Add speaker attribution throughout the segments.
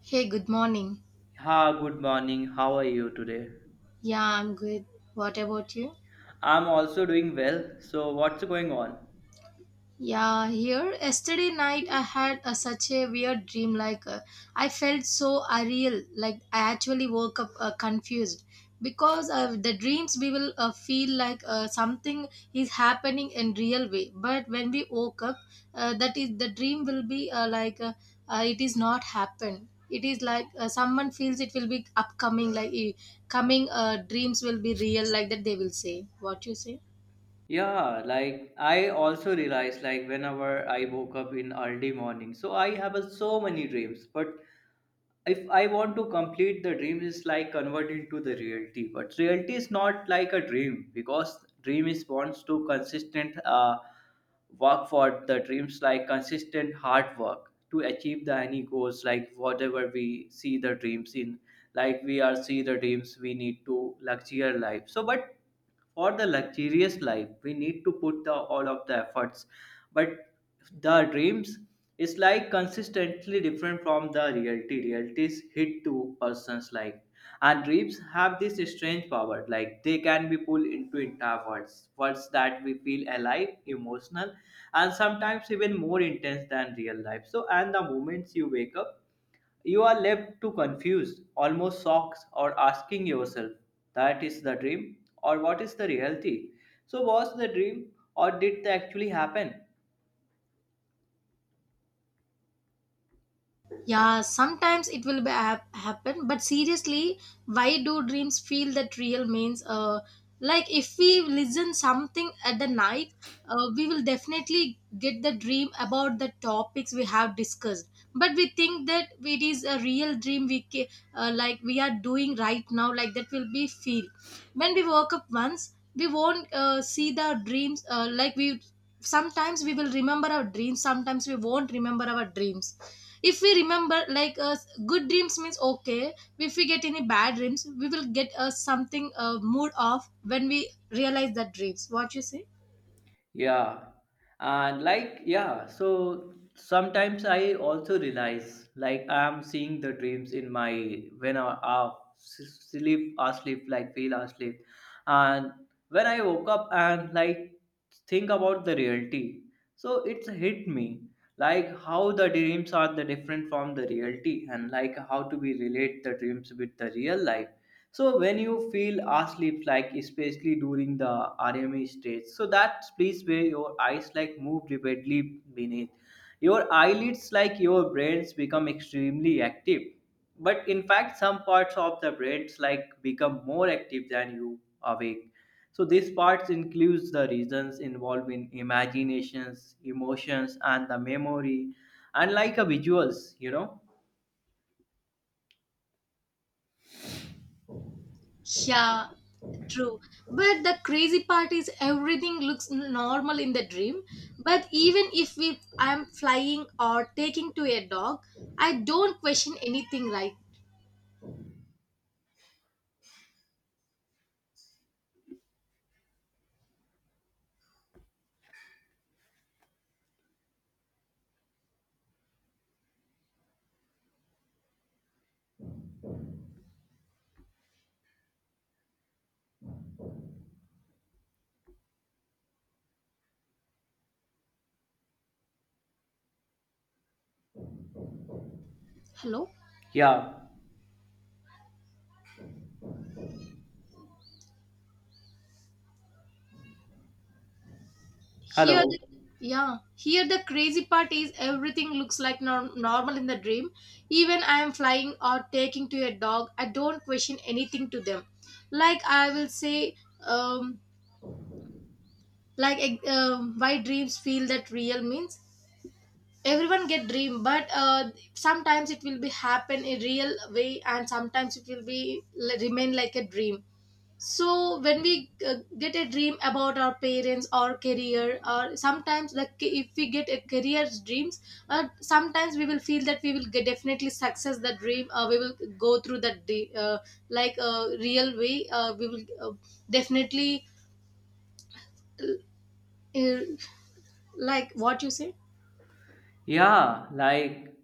Speaker 1: Hey, good morning.
Speaker 2: Ha, good morning. How are you today?
Speaker 1: Yeah, I'm good. What about you?
Speaker 2: I'm also doing well. So, what's going on?
Speaker 1: Yeah, here yesterday night I had such a weird dream. Like, I felt so unreal. Like I actually woke up, confused because the dreams we will feel like something is happening in real way. But when we woke up, that is the dream will be it is not happened. It is like someone feels it will be upcoming. Like, coming dreams will be real. Like that they will say. What you say?
Speaker 2: Yeah, like I also realized like whenever I woke up in early morning, so I have a, so many dreams, but if I want to complete the dream is like convert into the reality, but reality is not like a dream because dream is wants to consistent work for the dreams like consistent hard work to achieve the any goals like whatever we see the dreams in like we are see the dreams we need to luxury life so but for the luxurious life we need to put the all of the efforts but the dreams is like consistently different from the reality. Reality is hit to persons like and dreams have this strange power like they can be pulled into entire worlds that we feel alive emotional and sometimes even more intense than real life so and the moments you wake up you are left to confused almost shocked or asking yourself that is the dream or what is the reality so was the dream or did it actually happen?
Speaker 1: Yeah, sometimes it will be happen, but seriously, why do dreams feel that real means? Like if we listen something at the night, we will definitely get the dream about the topics we have discussed. But we think that it is a real dream like we are doing right now. Like that will be feel. When we woke up once, we won't see the dreams. Like, we sometimes we will remember our dreams. Sometimes we won't remember our dreams if we remember like, good dreams means okay, if we get any bad dreams we will get something, mood off when we realize that dreams. What you say?
Speaker 2: Yeah, and like, yeah, so sometimes I also realize like I'm seeing the dreams in my when I sleep, asleep, like feel asleep and when I woke up and like think about the reality so it's hit me like how the dreams are the different from the reality and like how to be relate the dreams with the real life so when you feel asleep like especially during the rme stage so that's place where your eyes like move rapidly beneath your eyelids, like your brains, become extremely active. But in fact, some parts of the brains like become more active than you awake. So these parts includes the regions involved in imaginations, emotions, and the memory, and like a visuals, you know.
Speaker 1: Yeah, true. But the crazy part is everything looks normal in the dream, but even if we I'm flying or taking to a dog, I don't question anything, right? Hello.
Speaker 2: Yeah.
Speaker 1: Here,
Speaker 2: Hello.
Speaker 1: yeah, here the crazy part is everything looks like normal in the dream. Even I am flying or taking to a dog, I don't question anything to them. Like I will say, um, why dreams feel that real means everyone get dream, but sometimes it will be happen in real way, and sometimes it will be remain like a dream. So when we get a dream about our parents or career, or sometimes like if we get a career dreams, sometimes we will feel that we will get definitely success the dream, we will go through that like a real way, we will definitely, uh, like what you say.
Speaker 2: Yeah, like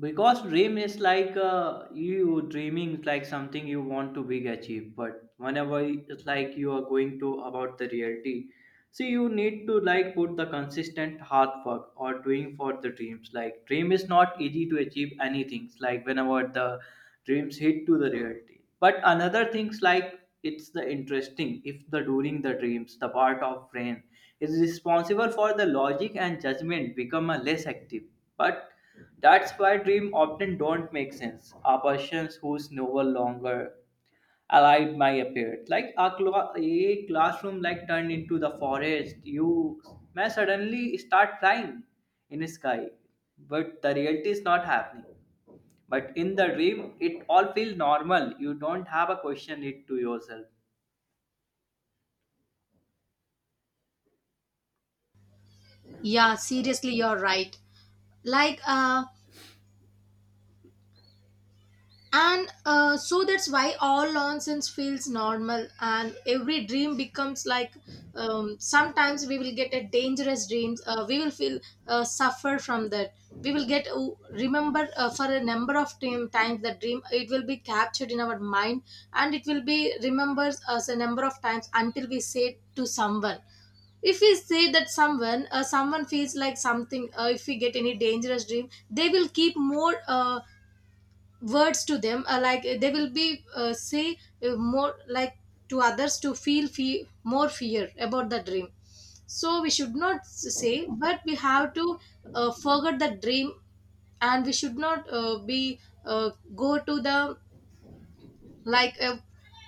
Speaker 2: because dream is like you dreaming is like something you want to big achieve but whenever it's like you are going to about the reality so you need to like put the consistent hard work or doing for the dreams like dream is not easy to achieve anything. It's like whenever the dreams hit to the reality but another things like it's the interesting if the during the dreams the part of brain is responsible for the logic and judgment become a less active but that's why dreams often don't make sense. A person who's no longer alive might appear. Like a, a classroom like turned into the forest. You may suddenly start flying in the sky. But the reality is not happening. But in the dream, it all feels normal. You don't have a question it to yourself.
Speaker 1: Yeah, seriously, you're right. like uh And so that's why all nonsense feels normal, and every dream becomes like, sometimes we will get a dangerous dreams. We will feel suffer from that. We will get remember for a number of time, times that dream. It will be captured in our mind, and it will be remembers us a number of times until we say it to someone. If we say that someone, someone feels like something. If we get any dangerous dream, they will keep more, words to them, they will be, say more like to others to feel more fear about the dream. So we should not say, but we have to forget the dream, and we should not be go to the like uh,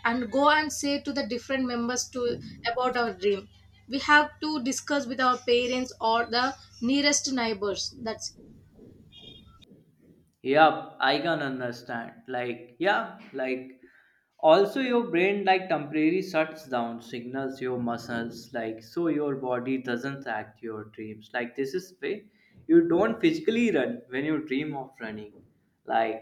Speaker 1: and go and say to the different members to about our dream. We have to discuss with our parents or the nearest neighbors that's.
Speaker 2: Yep, I can understand. Like, yeah, like also your brain like temporarily shuts down signals your muscles like so your body doesn't act your dreams like this is way you don't physically run when you dream of running like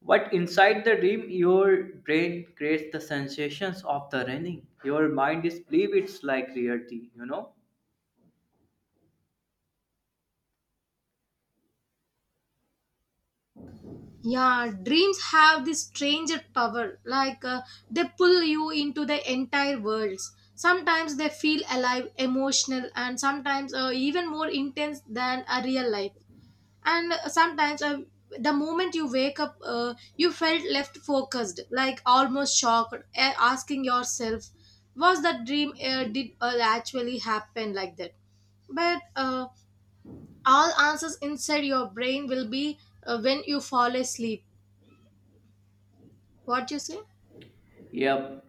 Speaker 2: but inside the dream your brain creates the sensations of the running your mind is believe it's like reality, you know.
Speaker 1: Yeah, dreams have this strange power, they pull you into the entire worlds. Sometimes they feel alive, emotional, and sometimes even more intense than a real life. And sometimes the moment you wake up, you felt left focused, like almost shocked, asking yourself, was that dream, did actually happen like that? But all answers inside your brain will be, when you fall asleep. What you say?
Speaker 2: Yep.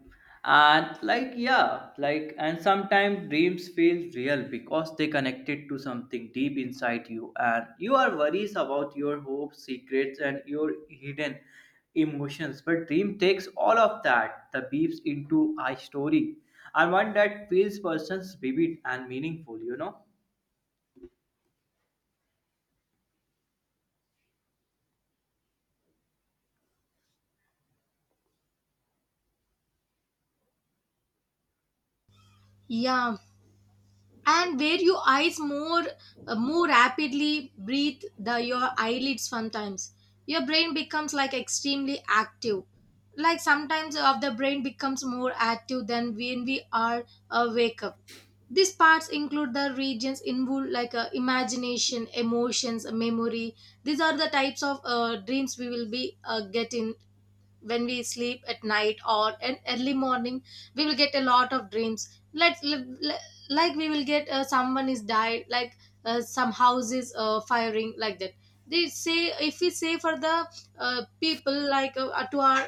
Speaker 2: And like yeah, like and sometimes dreams feel real because they connected to something deep inside you and you are worries about your hopes, secrets and your hidden emotions. But dream takes all of that, the beeps into a story. And one that feels persons vivid and meaningful, you know?
Speaker 1: Yeah, and where your eyes more more rapidly breathe the your eyelids sometimes. Your brain becomes like extremely active. Like sometimes of the brain becomes more active than when we are awake up. These parts include the regions involved like, imagination, emotions, memory. These are the types of dreams we will be getting when we sleep at night or in early morning. We will get a lot of dreams. Like, we will get, someone is died, like some houses firing like that. They say if we say for the people, to our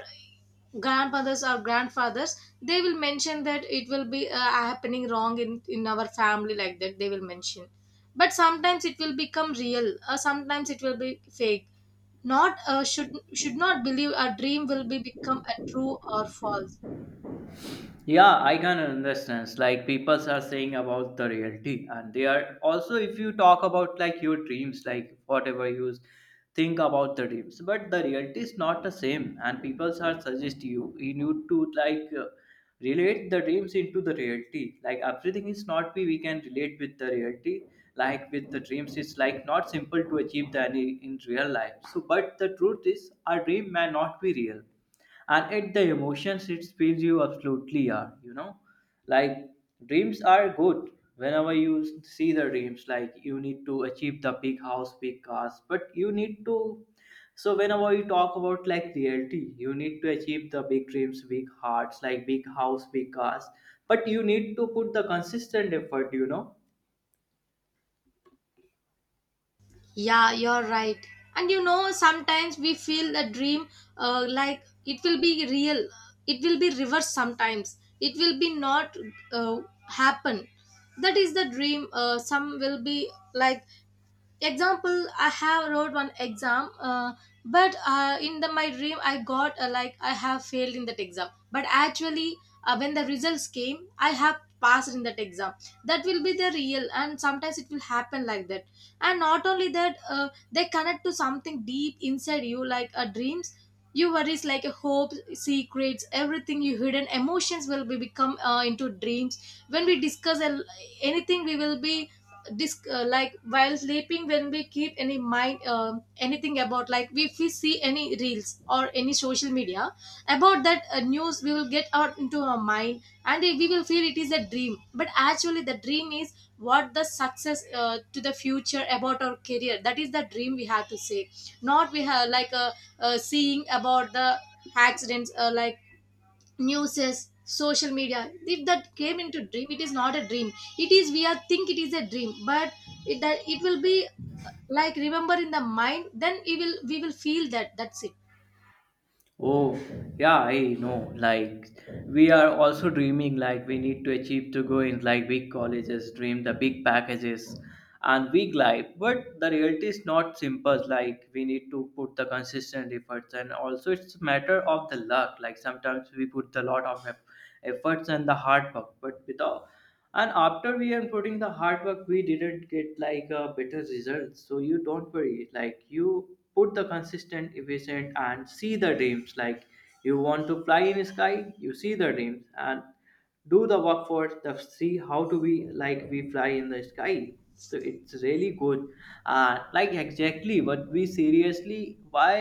Speaker 1: grandmothers or grandfathers, they will mention that it will be happening wrong in our family like that they will mention. But sometimes it will become real or sometimes it will be fake. Not should not believe a dream will be become a true or false.
Speaker 2: Yeah, I can understand like people are saying about the reality and they are also if you talk about like your dreams like whatever you think about the dreams but the reality is not the same and people are suggest you you need to like relate the dreams into the reality like everything is not we can relate with the reality like with the dreams it's like not simple to achieve the any in real life so but the truth is our dream may not be real and it the emotions it feels you absolutely are, you know, like dreams are good. Whenever you see the dreams like you need to achieve the big house big cars but you need to so whenever you talk about like reality you need to achieve the big dreams big hearts like big house big cars but you need to put the consistent effort, you know.
Speaker 1: Yeah, you're right. And you know sometimes we feel a dream, like it will be real, it will be reversed, sometimes it will be not uh, happen. That is the dream, some will be like, example, I have wrote one exam, but in the my dream I got, like I have failed in that exam, but actually when the results came I have passed in that exam. That will be the real, and sometimes it will happen like that. And not only that, they connect to something deep inside you, like, dreams, your worries, like a hope, secrets, everything you hidden emotions will be become into dreams. When we discuss a anything we will be, like while sleeping when we keep any mind, anything about, like if we see any reels or any social media about that news, we will get out into our mind and we will feel it is a dream. But actually the dream is what the success to the future about our career, that is the dream we have to say. Not we have seeing about the accidents, like newses, social media, if that came into dream, it is not a dream. It is we are think it is a dream, but it that it will be like remember in the mind, then we will feel that. That's it.
Speaker 2: Oh, yeah, I know. Like, we are also dreaming, like, we need to achieve to go in, like, big colleges, dream the big packages and big life. But the reality is not simple. Like, we need to put the consistent efforts, and also it's a matter of the luck. Like, sometimes we put a lot of efforts and the hard work, but without and after we are putting the hard work we didn't get like a better result so you don't worry like you put the consistent efficient and see the dreams like you want to fly in sky you see the dreams and do the work for the see how to be like we fly in the sky so it's really good like exactly but we seriously why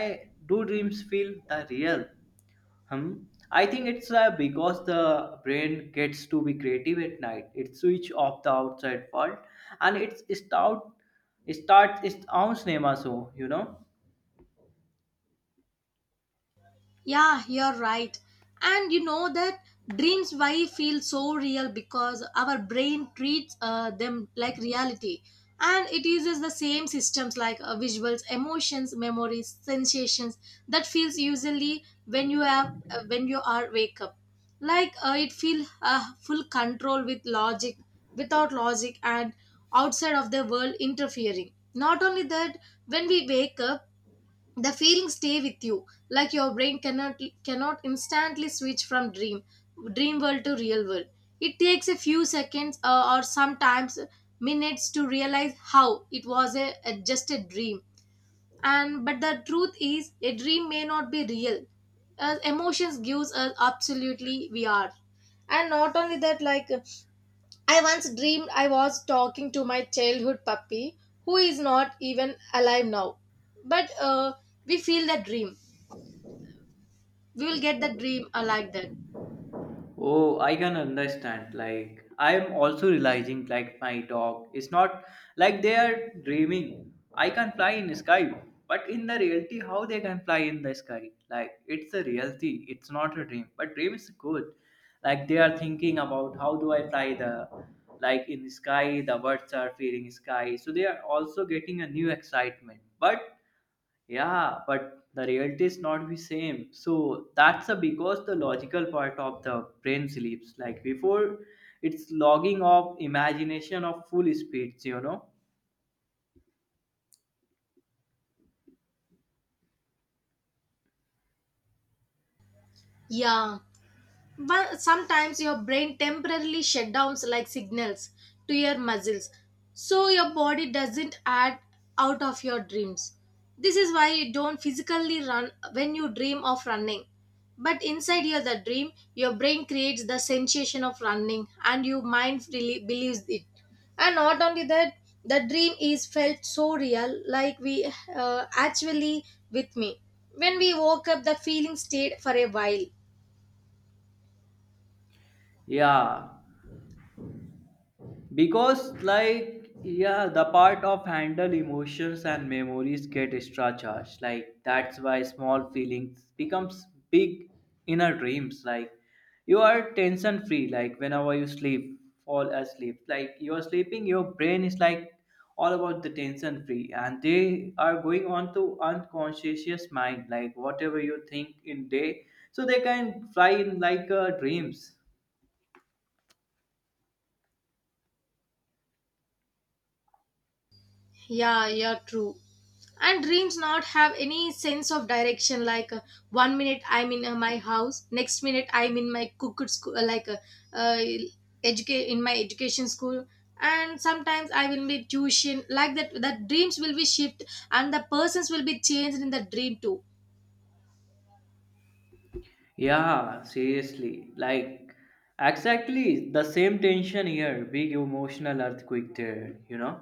Speaker 2: do dreams feel the real? Hmm. I think it's because the brain gets to be creative at night. It switch off the outside world and it starts its own cinema show, you know.
Speaker 1: Yeah, you're right. And you know that dreams why feel so real, because our brain treats them like reality. And it uses the same systems, like, visuals, emotions, memories, sensations that feels usually when you have, when you are wake up. Like, it feel full control with logic, without logic, and outside of the world interfering. Not only that, when we wake up, the feelings stay with you, like your brain cannot instantly switch from dream world to real world. It takes a few seconds, or sometimes minutes to realize how it was a just a dream. And but the truth is a dream may not be real, emotions gives us absolutely we are. And not only that, I once dreamed I was talking to my childhood puppy, who is not even alive now. But we feel that dream. We will get that dream like that.
Speaker 2: Oh, I can understand. Like, I am also realizing, like, my dog is not like they are dreaming. I can fly in sky, but in the reality, how they can fly in the sky? Like, it's the reality. It's not a dream, but dream is good. Like, they are thinking about how do I fly the, like, in the sky. The birds are feeling sky, so they are also getting a new excitement. But yeah, but the reality is not the same. So that's a, because the logical part of the brain sleeps. Like before, it's logging off imagination of full speeds, you know?
Speaker 1: Yeah. But sometimes your brain temporarily shut downs like signals to your muscles, so your body doesn't act out of your dreams. This is why you don't physically run when you dream of running. But inside your the dream, your brain creates the sensation of running and your mind really believes it. And not only that, the dream is felt so real, like we actually with me. When we woke up, the feeling stayed for a while.
Speaker 2: Yeah, because like yeah the part of handle emotions and memories get extra charged like that's why small feelings becomes big inner dreams like you are tension free like whenever you sleep fall asleep like you are sleeping your brain is like all about the tension free and they are going on to unconscious mind like whatever you think in day so they can fly in like dreams.
Speaker 1: Yeah, yeah, true. And dreams not have any sense of direction. Like, one minute I'm in my house, next minute I'm in my cooked school, uh, educate in my education school, and sometimes I will be tuition. Like that, that dreams will be shift, and the persons will be changed in the dream too.
Speaker 2: Yeah, seriously. Like, exactly the same tension here. Big emotional earthquake there, you know?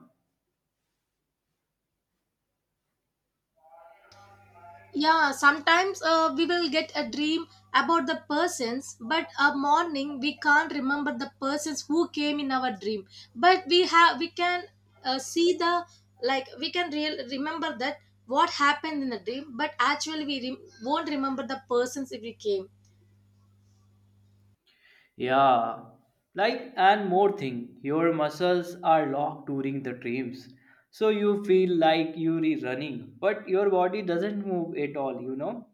Speaker 1: Yeah, sometimes we will get a dream about the persons, but a morning we can't remember the persons who came in our dream. But we can see the, like we can real remember that what happened in the dream, but actually we won't remember the persons if we came.
Speaker 2: Yeah. Like, and more thing, your muscles are locked during the dreams. So you feel like you're running, but your body doesn't move at all, you know?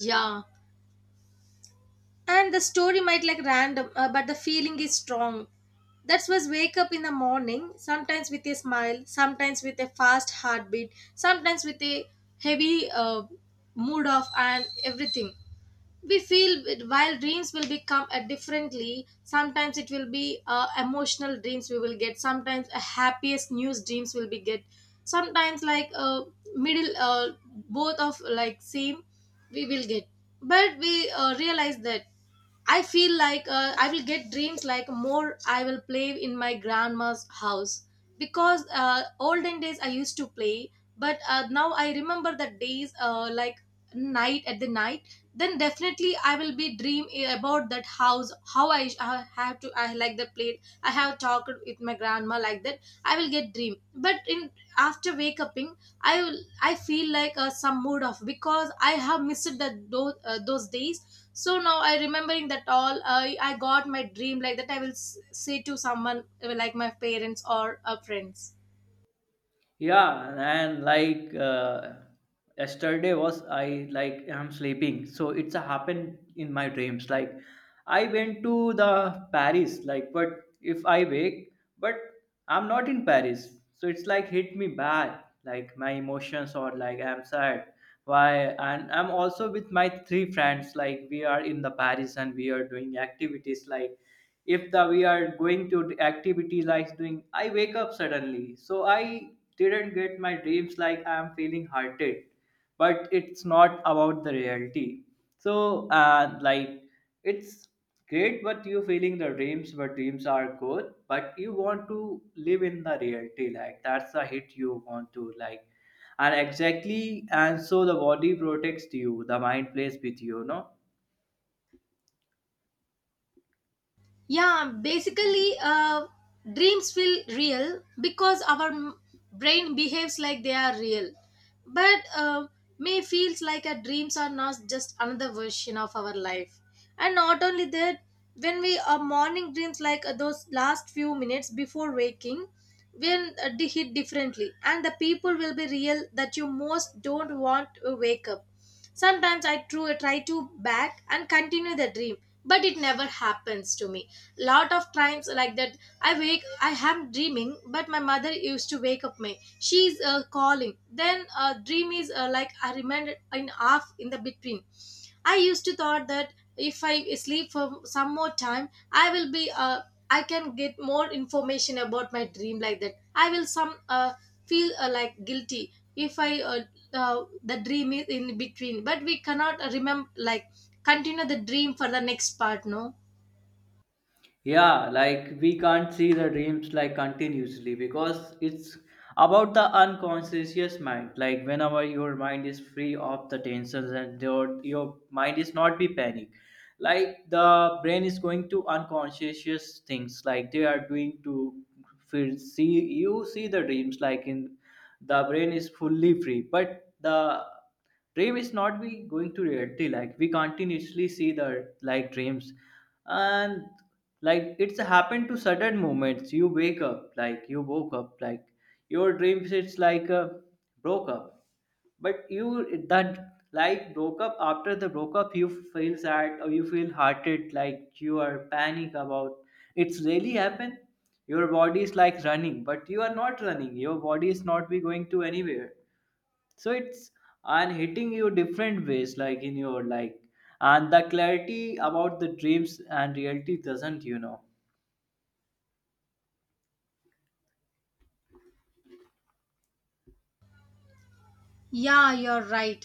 Speaker 1: Yeah. And the story might like random, but the feeling is strong. That's was wake up in the morning, sometimes with a smile, sometimes with a fast heartbeat, sometimes with a heavy, mood off and everything we feel while dreams will become differently. Sometimes it will be emotional dreams we will get, sometimes a happiest news dreams will be get, sometimes like, middle, both of like same we will get. But we realize that I feel like, I will get dreams like more I will play in my grandma's house, because olden days I used to play, but now I remember the days, like night at the night. Then definitely I will be dream about that house, how I have to I like the plate. I have talked with my grandma like that. I will get dream, but in after wake uping I will- I feel like some mood off because I have missed that those days. So now I remembering that all I got my dream like that. I will say to someone like my parents or friends.
Speaker 2: Yeah, and like yesterday was I like I'm sleeping, so it's a happened in my dreams. Like I went to the Paris, like but if I wake, but I'm not in Paris, so it's like hit me bad, like my emotions or like I'm sad. Why? And I'm also with my three friends, like we are in the Paris and we are doing activities like if the we are going to activity like doing I wake up suddenly so I didn't get my dreams like I am feeling hearted but it's not about the reality so like it's great but you feeling the dreams but dreams are good but you want to live in the reality like that's the hit you want to like and exactly and so the body protects you the mind plays with you no.
Speaker 1: Yeah, basically, dreams feel real because our brain behaves like they are real. But may feels like our dreams are not just another version of our life. And not only that, when we are morning dreams like those last few minutes before waking, will hit differently, and the people will be real that you most don't want to wake up. Sometimes I try to back and continue the dream, but it never happens to me lot of times like that I wake I am dreaming, but my mother used to wake up me. She's calling, then dream is like I remember in half in the between. I used to thought that if I sleep for some more time I will be I can get more information about my dream like that. I will some feel like guilty if I the dream is in between, but we cannot remember like continue the dream for the next part, no.
Speaker 2: Yeah, like we can't see the dreams like continuously because it's about the unconscious mind like whenever your mind is free of the tensions and your mind is not be panic like the brain is going to unconscious things like they are doing to feel see you see the dreams like in the brain is fully free but the dream is not be going to reality like we continuously see the like dreams and like it's happened to certain moments you wake up like you woke up like your dreams it's like broke up but you that like broke up after the broke up you feel sad or you feel hearted like you are panic about it's really happened. Your body is like running, but you are not running. Your body is not be going to anywhere. So it's and hitting you different ways like in your like and the clarity about the dreams and reality doesn't you know.
Speaker 1: Yeah, you're right.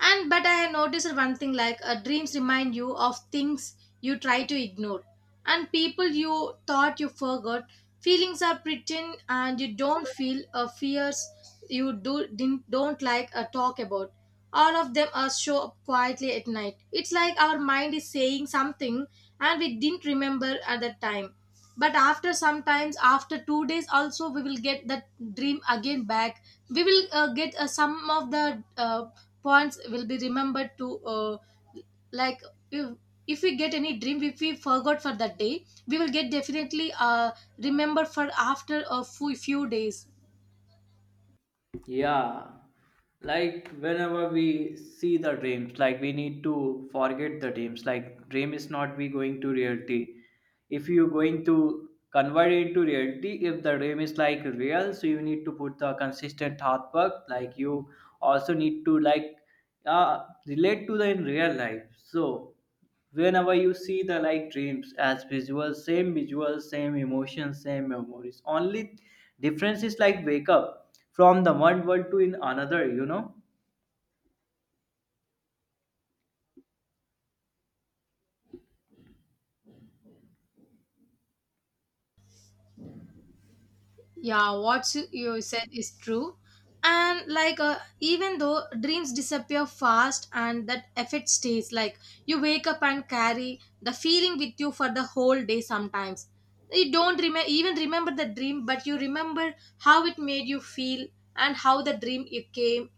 Speaker 1: And but I have noticed one thing like dreams remind you of things you try to ignore, and people you thought you forgot. Feelings are pretend and you don't feel fears you do didn't, don't like talk about. All of them are show up quietly at night. It's like our mind is saying something and we didn't remember at the time, but after sometimes after 2 days also we will get that dream again back. We will get some of the points will be remembered to like if, if we get any dream, if we forgot for that day, we will get definitely remember for after a few days.
Speaker 2: Yeah, like whenever we see the dreams, like we need to forget the dreams. Like dream is not be going to reality. If you going to convert it into reality, if the dream is like real, so you need to put the consistent hard work. Like you also need to like relate to the in real life. So whenever you see the like dreams as visuals, same visuals, same emotions, same memories, only difference is like wake up from the one world to in another, you know.
Speaker 1: Yeah, what you said is true. And like even though dreams disappear fast and that effect stays, like you wake up and carry the feeling with you for the whole day. Sometimes you don't remember, even remember the dream, but you remember how it made you feel, and how the dream you came,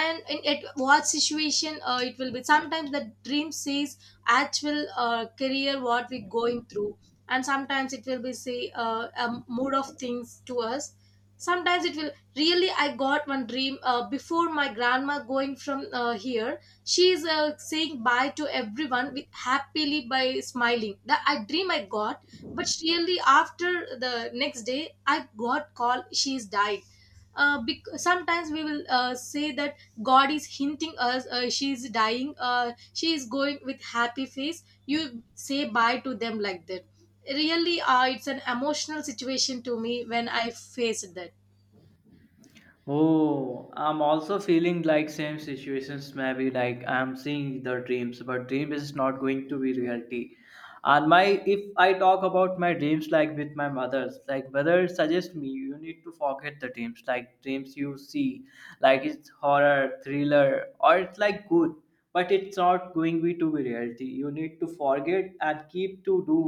Speaker 1: and in at what situation it will be. Sometimes the dream says actual career what we going through, and sometimes it will be say a mood of things to us. Sometimes it will really, I got one dream before my grandma going from here. She is saying bye to everyone with happily by smiling, that I dream I got. But really after the next day I got call she's died. Sometimes we will say that god is hinting us, she is dying, she is going with happy face, you say bye to them like that. Really it's an emotional situation to me when I faced that.
Speaker 2: Oh, I'm also feeling like same situations, maybe like I'm seeing the dreams but dream is not going to be reality. And my, if I talk about my dreams, like with my mother's, like mother suggest me you need to forget the dreams. Like dreams you see, like it's horror thriller or it's like good, but it's not going be to be reality. You need to forget and keep to do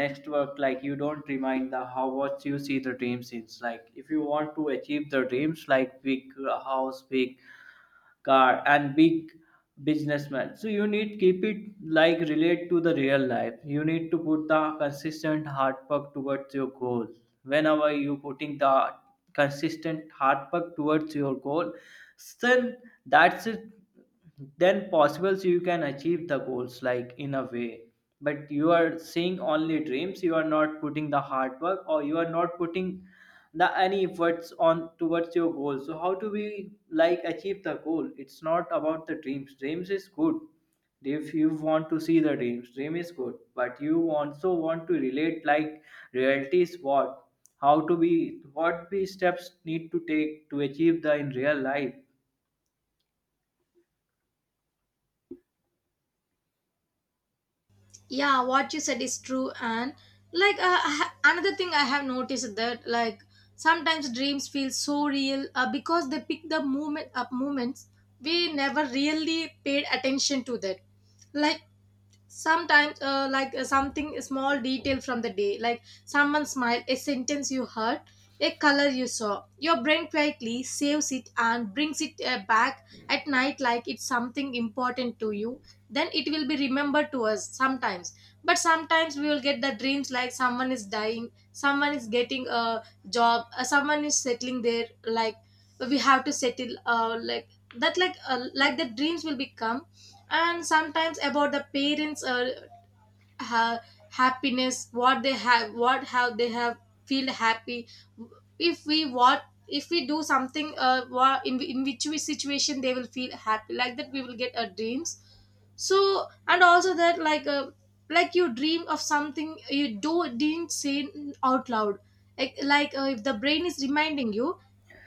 Speaker 2: next work. Like you don't remind the how what you see the dreams is like. If you want to achieve the dreams like big house, big car, and big businessman, so you need keep it like relate to the real life. You need to put the consistent hard work towards your goal. Whenever you putting the consistent hard work towards your goal, then that's it, then possible, so you can achieve the goals like in a way. But you are seeing only dreams, you are not putting the hard work, or you are not putting the any efforts on towards your goal, so how do we like achieve the goal? It's not about the dreams. Dreams is good. If you want to see the dreams, dream is good, but you also want to relate like reality is what, how to be, what we steps need to take to achieve the in real life.
Speaker 1: Yeah, what you said is true. And like another thing I have noticed, that like sometimes dreams feel so real because they pick the moment up moments we never really paid attention to that. Like sometimes something small detail from the day, like someone's smile, a sentence you heard, a color you saw, your brain quietly saves it and brings it back at night like it's something important to you. Then it will be remembered to us sometimes. But sometimes we will get the dreams like someone is dying, someone is getting a job, someone is settling there, like we have to settle like that, like the dreams will become. And sometimes about the parents, ha- happiness what they have, what have they have feel happy. If we, what if we do something, in which we situation they will feel happy, like that we will get our dreams. So and also that like you dream of something you do didn't say out loud. Like if the brain is reminding you,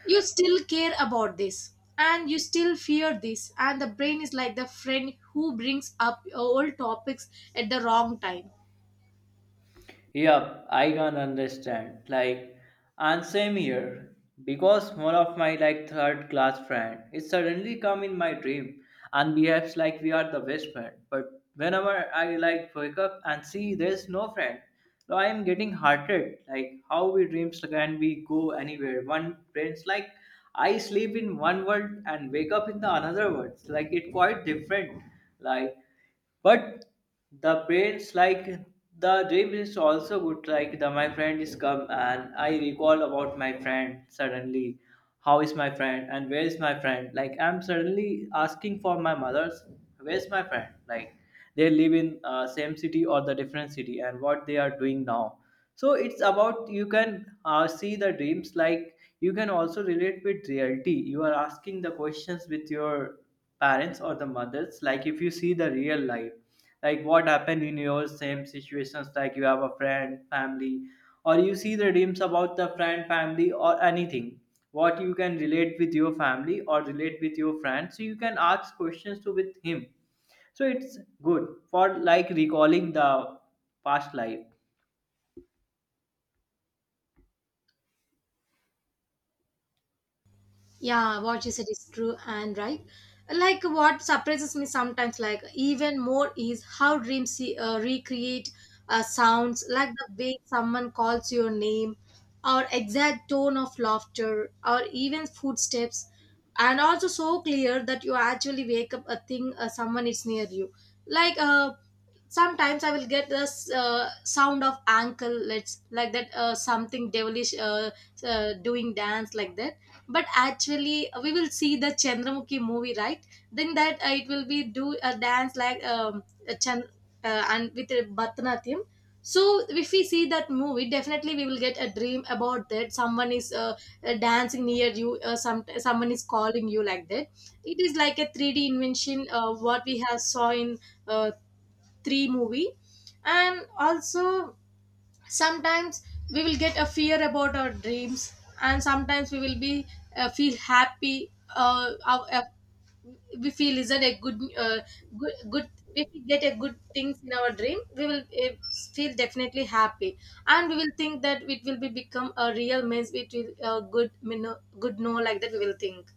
Speaker 1: you still care about this and you still fear this, and the brain is like the friend who brings up old topics at the wrong time.
Speaker 2: Yep, I can understand. Like, and same here. Because one of my like third class friend is suddenly come in my dream and behaves like we are the best friend. But whenever I like wake up and see there's no friend, so I am getting hearted. Like how we dreams can we go anywhere? One friends like I sleep in one world and wake up in the another world. Like it quite different. Like but the brains like the dream is also good. Like the my friend is come and I recall about my friend suddenly. How is my friend and where is my friend? Like I'm suddenly asking for my mother's. Where's my friend? Like they live in same city or the different city, and what they are doing now. So it's about you can see the dreams like you can also relate with reality. You are asking the questions with your parents or the mothers, like if you see the real life, like what happened in your same situations, like you have a friend family or you see the dreams about the friend family or anything, what you can relate with your family or relate with your friends, so you can ask questions to with him. So it's good for like recalling the past life.
Speaker 1: Yeah, what you said is true and right. Like what surprises me sometimes, like even more, is how dreams recreate sounds, like the way someone calls your name, or exact tone of laughter, or even footsteps, and also so clear that you actually wake up a thing someone is near you. Like sometimes I will get the sound of ankle let's like that, something devilish, doing dance like that. But actually we will see the Chandramukhi movie, right? Then that it will be do a dance like a and with a Bharatanatyam. So if we see that movie, definitely we will get a dream about that someone is dancing near you, someone is calling you like that. It is like a 3D invention, what we have saw in uh, 3 movie. And also sometimes we will get a fear about our dreams, and sometimes we will be feel happy. uh, our- uh, we feel is that a good, good. If we get a good things in our dream, we will feel definitely happy, and we will think that it will be become a real, means it will good you know, good no, like that we will think.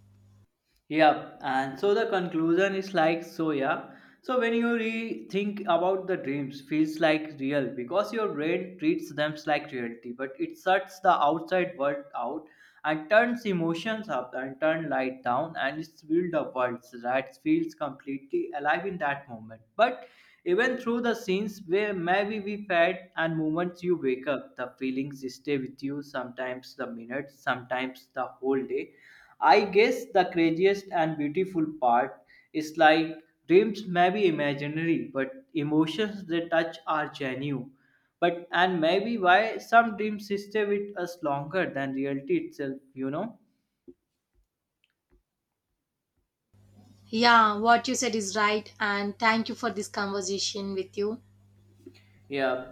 Speaker 2: Yeah, and so the conclusion is like, so, yeah. So when you rethink about the dreams, feels like real because your brain treats them like reality, but it shuts the outside world out and turns emotions up and turn light down, and it's build a world that feels completely alive in that moment. But even through the scenes where maybe we felt and moments you wake up, the feelings stay with you sometimes the minutes, sometimes the whole day. I guess the craziest and beautiful part is like dreams may be imaginary, but emotions they touch are genuine. But and maybe why some dreams stay with us longer than reality itself, you know?
Speaker 1: Yeah, what you said is right, and thank you for this conversation with you.
Speaker 2: Yeah,